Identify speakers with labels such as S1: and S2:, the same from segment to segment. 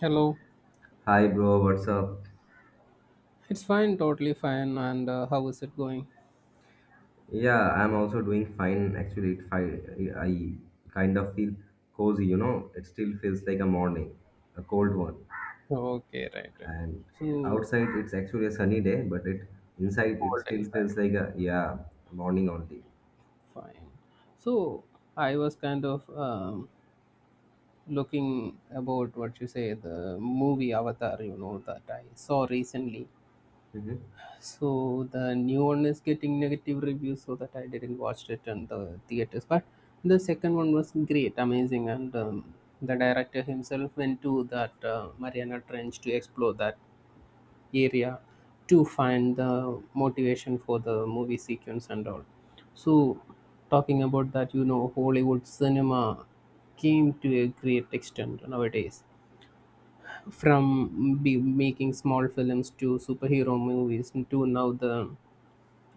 S1: Hello.
S2: Hi, bro. What's up?
S1: It's fine, totally fine. And how is it going?
S2: Yeah, I'm also doing fine. Actually, I kind of feel cozy. You know, it still feels like a morning, a cold one.
S1: Okay, right, right.
S2: And
S1: So
S2: outside, it's actually a sunny day, but it inside, it
S1: cold
S2: still
S1: inside.
S2: feels like a morning only.
S1: Fine. So I was kind of looking about what you say, the movie Avatar. You know that I saw recently.
S2: Hmm.
S1: So the new one is getting negative reviews, so that I didn't watch it in the theaters. But the second one was great, amazing, and the director himself went to that Mariana Trench to explore that area to find the motivation for the movie sequence and all. So, talking about that, you know, Hollywood cinema came to a great extent nowadays. From be making small films to superhero movies to now the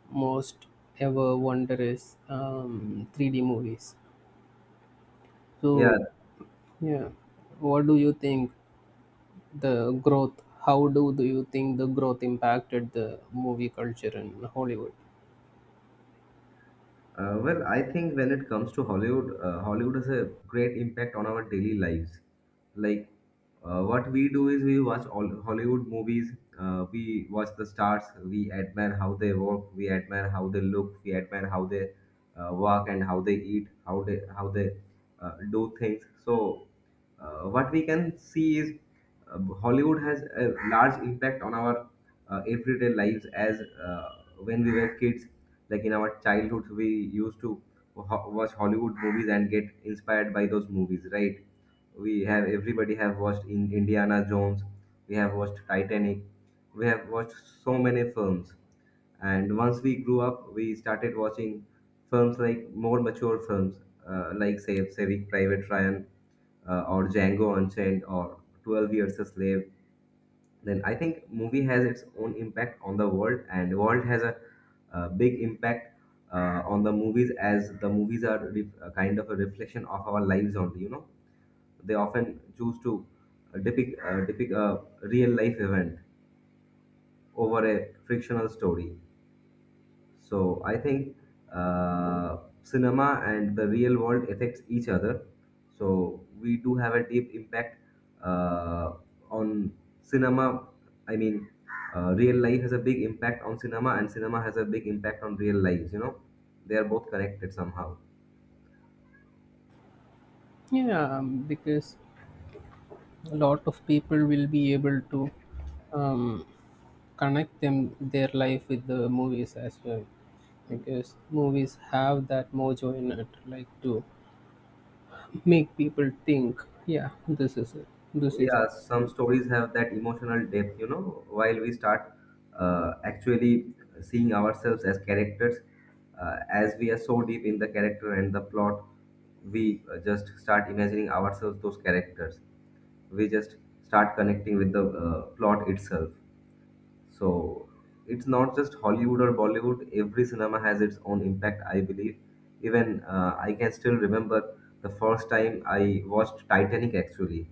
S1: most ever wondrous 3D movies.
S2: Yeah.
S1: So, yeah, what do you think the growth? Do you think the growth impacted the movie culture in Hollywood?
S2: Well, I think when it comes to Hollywood, Hollywood has a great impact on our daily lives. Like, what we do is we watch all Hollywood movies, we watch the stars, we admire how they work, we admire how they look, we admire how they walk and how they eat, how they do things. So. What we can see is Hollywood has a large impact on our everyday lives as when we were kids, like in our childhood, we used to watch Hollywood movies and get inspired by those movies, right? We have everybody have watched in Indiana Jones, we have watched Titanic, we have watched so many films. And once we grew up, we started watching films, like more mature films, like say Saving Private Ryan, or Django Unchained or 12 Years a Slave. Then I think movie has its own impact on the world, and world has a big impact on the movies, as the movies are a kind of a reflection of our lives only, you know. They often choose to depict a real life event over a fictional story. So I think cinema and the real world affects each other. So we do have a deep impact uh, on cinema. I mean, real life has a big impact on cinema, and cinema has a big impact on real lives. You know, they are both connected somehow.
S1: Yeah, because a lot of people will be able to um, connect them their life with the movies as well, because movies have that mojo in it, like to make people think, yeah, this is it, this is
S2: Yeah, some stories have that emotional depth, you know, while we start actually seeing ourselves as characters, as we are so deep in the character and the plot, we just start imagining ourselves those characters. We just start connecting with the plot itself. So it's not just Hollywood or Bollywood. Every cinema has its own impact, I believe. Even I can still remember the first time I watched Titanic actually.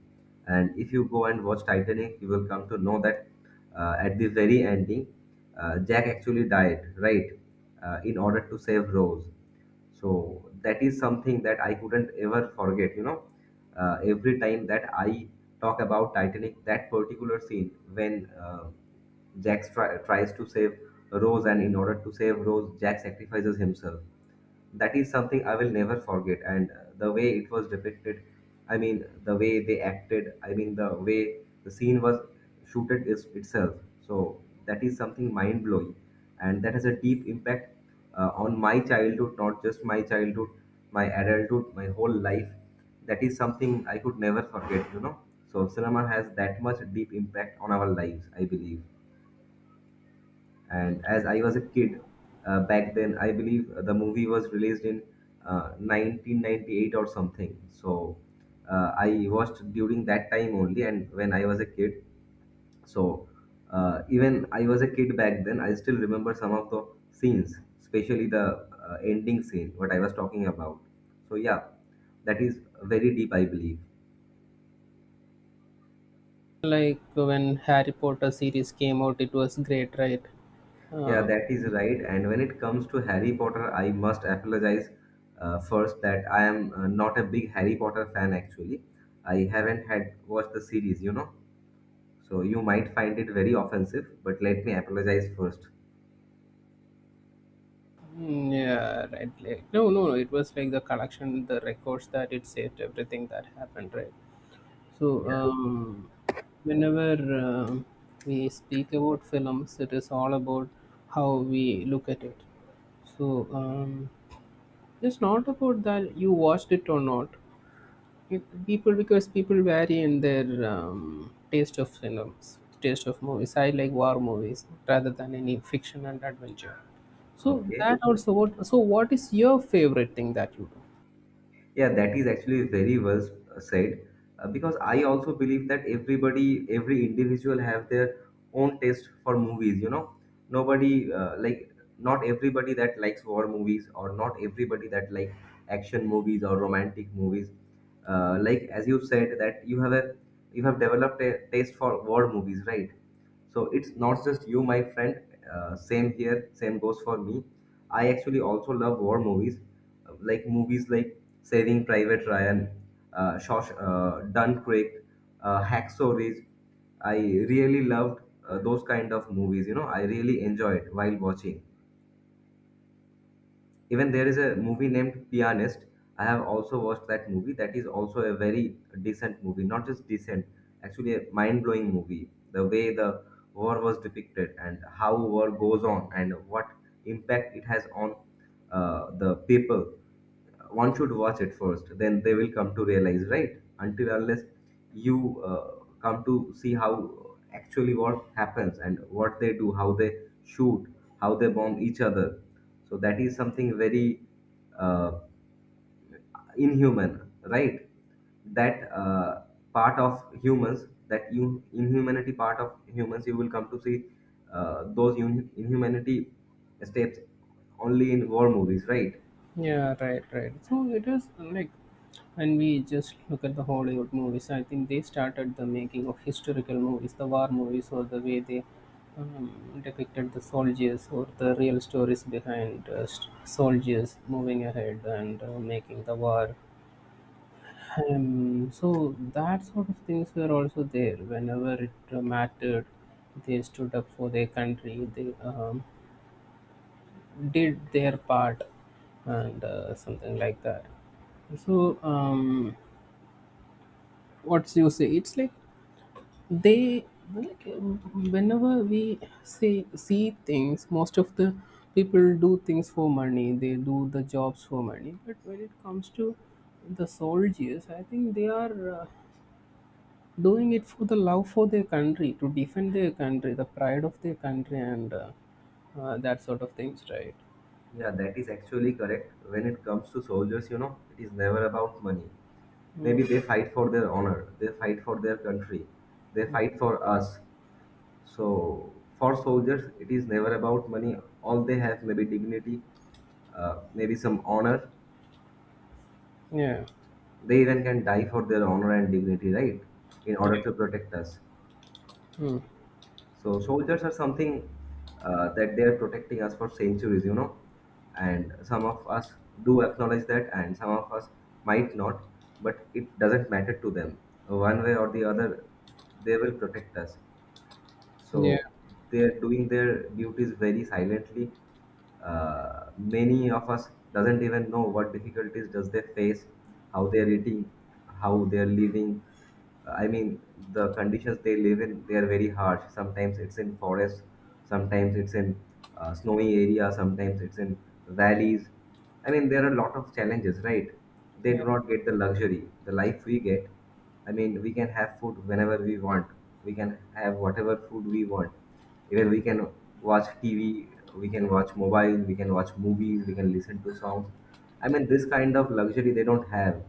S2: And if you go and watch Titanic, you will come to know that at the very ending, Jack actually died, right? In order to save Rose, so that is something that I couldn't ever forget, you know. Every time that I talk about Titanic, that particular scene when tries to save Rose, and in order to save Rose, Jack sacrifices himself, that is something I will never forget. And the way it was depicted, I mean, the way they acted, I mean, the way the scene was shooted is itself. So that is something mind blowing, and that has a deep impact on my childhood, not just my childhood, my adulthood, my whole life. That is something I could never forget. You know, so cinema has that much deep impact on our lives. I believe. And as I was a kid back then, I believe the movie was released in 1998 or something. So I watched during that time only, and when I was a kid. So even I was a kid back then, I still remember some of the scenes, especially the ending scene, what I was talking about. So yeah, that is very deep, I believe.
S1: like when Harry Potter series came out, it was great, right?
S2: Yeah,
S1: Uh,
S2: that is right. And when it comes to Harry Potter, I must apologize first that I am not a big Harry Potter fan actually. I haven't had watched the series, you know. So you might find it very offensive, but let me apologize first.
S1: yeah, right. Like, no, no, no. It was like the collection, the records that it saved, everything that happened, right? So,
S2: Yeah.
S1: whenever we speak about films, it is all about how we look at it. So, it's not about that you watched it or not. It- people, because people vary in their taste of films, taste of movies. I like war movies rather than any fiction and adventure. So
S2: Okay.
S1: that also. What so? What is your favorite thing that you do?
S2: Yeah, that is actually very well said, because I also believe that everybody, every individual have their own taste for movies, you know. Nobody like, not everybody that likes war movies or not everybody that like action movies or romantic movies. Like as you said that you have developed a taste for war movies, right? So it's not just you, my friend. Same here, same goes for me. I actually also love war movies, like movies like Saving Private Ryan, Dunkirk, Hacksaw Ridge. I really loved those kind of movies. You know, I really enjoyed while watching. Even there is a movie named Pianist. I have also watched that movie. That is also a very decent movie. Not just decent, actually a mind-blowing movie. The way the war was depicted and how war goes on and what impact it has on the people, one should watch it first, then they will come to realize. Right, until unless you come to see how actually what happens and what they do, how they shoot, how they bomb each other, so that is something very uh, inhuman, right? That uh, part of humans that you inhumanity part of humans you will come to see, those un- inhumanity steps only in war movies, right?
S1: Yeah, right, right. So it is like when we just look at the Hollywood movies, I think they started the making of historical movies, the war movies, or the way they depicted the soldiers or the real stories behind soldiers moving ahead and making the war. So that sort of things were also there whenever it mattered. They stood up for their country. They did their part and something like that. So what you say it's like they like, whenever we say see things, most of the people do things for money, they do the jobs for money. But when it comes to the soldiers, I think they are doing it for the love for their country, to defend their country, the pride of their country, and that sort of things, right?
S2: Yeah, that is actually correct. When it comes to soldiers, you know, it is never about money. Maybe
S1: Mm.
S2: they fight for their honor, they fight for their country, they fight for us. So for soldiers, it is never about money. All they have, maybe dignity, maybe some honor.
S1: Yeah,
S2: They even can die for their honor and dignity, right, in
S1: yeah.
S2: order to protect us.
S1: Mm.
S2: So soldiers are something, that they are protecting us for centuries, you know. And some of us do acknowledge that and some of us might not, but it doesn't matter to them. One way or the other, they will protect us.
S1: Yeah,
S2: So they are doing their duties very silently. Many of us doesn't even know what difficulties does they face, how they are eating, how they are living. I mean, the conditions they live in, they are very harsh. Sometimes it's in forests, sometimes it's in snowy area, sometimes it's in valleys. I mean, there are a lot of challenges, right? They do
S1: yeah,
S2: not get the luxury, the life we get. I mean, we can have food whenever we want. We can have whatever food we want. Even we can watch TV, we can watch mobile, we can watch movies, we can listen to songs. I mean, this kind of luxury they don't have.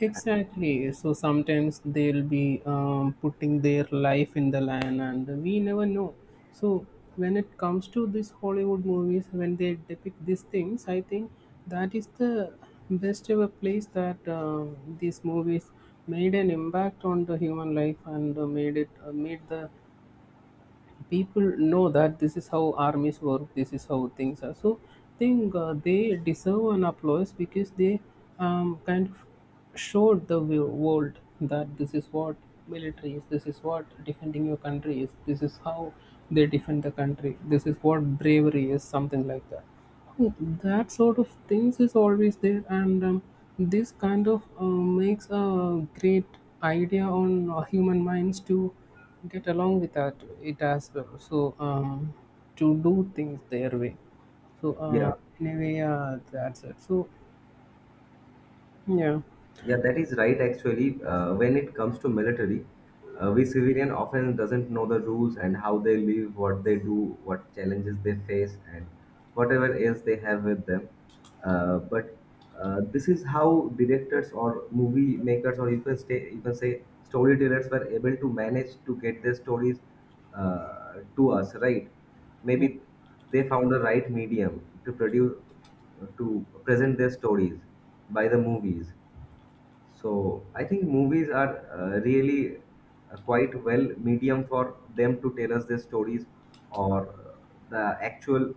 S1: exactly. So sometimes they'll be putting their life in the line, and we never know. So when it comes to these Hollywood movies, when they depict these things, I think that is the best ever place that these movies made an impact on the human life, and made the people know that this is how armies work, this is how things are. So I think they deserve an applause because they kind of showed the world that this is what military is, this is what defending your country is, this is how they defend the country, this is what bravery is, something like that. So, that sort of things is always there, and this kind of makes a great idea on human minds to get along with that it as well. So to do things their way. So
S2: Yeah.
S1: anyway, that's it. So yeah,
S2: Yeah, that is right. Actually, when it comes to military, we civilian often doesn't know the rules and how they live, what they do, what challenges they face, and whatever else they have with them. But this is how directors or movie makers, or you can say, storytellers, were able to manage to get their stories to us, right?
S1: yeah,
S2: Maybe they found the right medium to produce, to present their stories by the movies. So I think movies are really quite well medium for them to tell us their stories, or the actual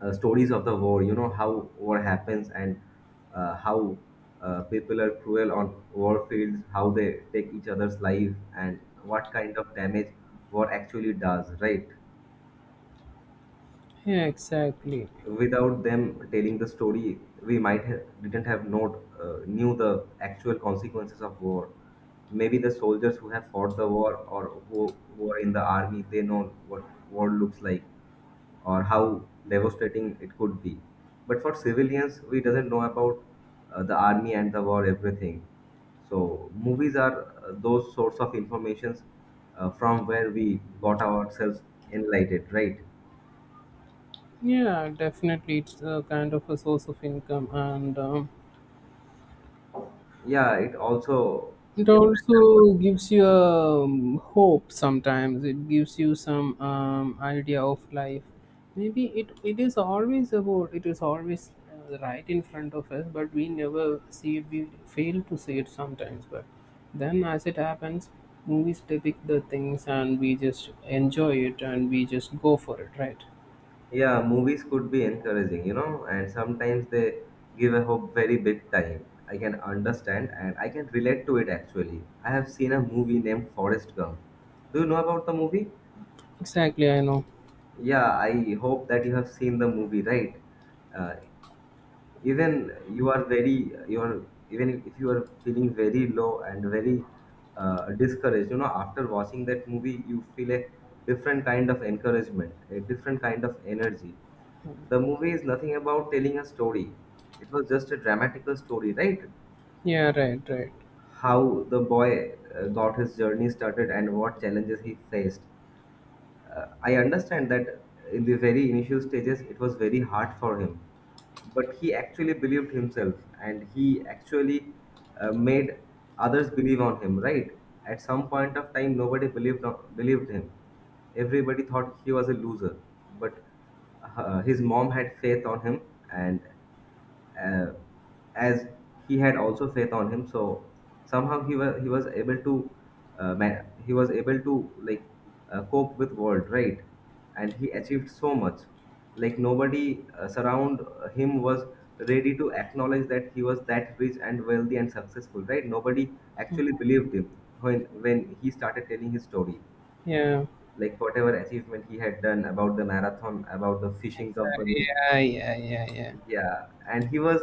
S2: stories of the war. You know how war happens and how people are cruel on war fields, how they take each other's life, and what kind of damage war actually does. Right.
S1: yeah, exactly.
S2: Without them telling the story, we didn't have not knew the actual consequences of war. Maybe the soldiers who have fought the war, or who are in the army, they know what war looks like, or how devastating it could be. But for civilians, we doesn't know about the army and the war everything. So movies are those sorts of informations from where we got ourselves enlightened, right?
S1: Yeah, definitely, it's a kind of a source of income, and
S2: Yeah, it also
S1: it
S2: generates.
S1: also gives you hope. Sometimes it gives you some idea of life. Maybe it is always about, it is always right in front of us, but we never see it, we fail to see it sometimes, but then as it happens, movies depict the things and we just enjoy it, and we just go for it, right?
S2: Yeah, movies could be encouraging, you know, and sometimes they give a hope very big time. I can understand and I can relate to it actually. I have seen a movie named Forrest Gump. Do you know about the movie?
S1: Exactly, I know.
S2: Yeah, I hope that you have seen the movie, right? Uh, Even you're, even if you are feeling very low and very discouraged, you know, after watching that movie, you feel a different kind of encouragement, a different kind of energy. The movie is nothing about telling a story, it was just a dramatical story, right?
S1: Yeah, right, right.
S2: How the boy got his journey started and what challenges he faced. I understand that in the very initial stages it was very hard for him, but he actually believed himself, and he actually made others believe on him. Right? At some point of time, nobody believed him. Everybody thought he was a loser, but his mom had faith on him, and uh, as he had also faith on him. So somehow he was able to he was able to, like, cope with world, right? And he achieved so much. Like nobody surround him was ready to acknowledge that he was that rich and wealthy and successful, right? Nobody actually believed him when he started telling his story,
S1: Yeah.
S2: like whatever achievement he had done about the marathon, about the fishing
S1: Exactly.
S2: company.
S1: Yeah, yeah, yeah, yeah.
S2: Yeah, and he was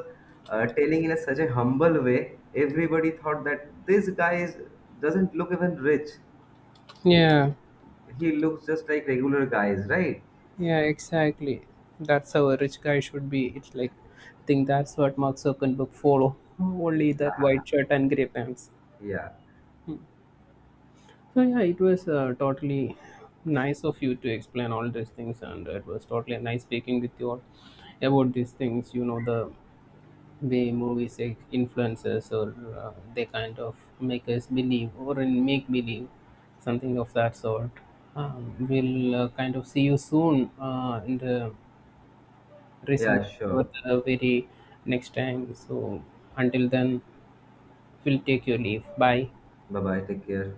S2: telling in such a humble way. Everybody thought that this guy is doesn't look even rich.
S1: Yeah.
S2: He looks just like regular guys, right?
S1: Yeah, exactly. That's how a rich guy should be. It's like, I think that's what Mark Zuckerberg follow. Only that white shirt and grey pants.
S2: Yeah,
S1: So yeah, it was totally nice of you to explain all these things, and it was totally nice speaking with you all about these things. You know the way movies like influences, or they kind of make us believe, or in make believe something of that sort. We'll kind of see you soon in the reason
S2: yeah,
S1: for
S2: sure.
S1: the very next time. So until then, we'll take your leave. Bye.
S2: Bye bye. Take care.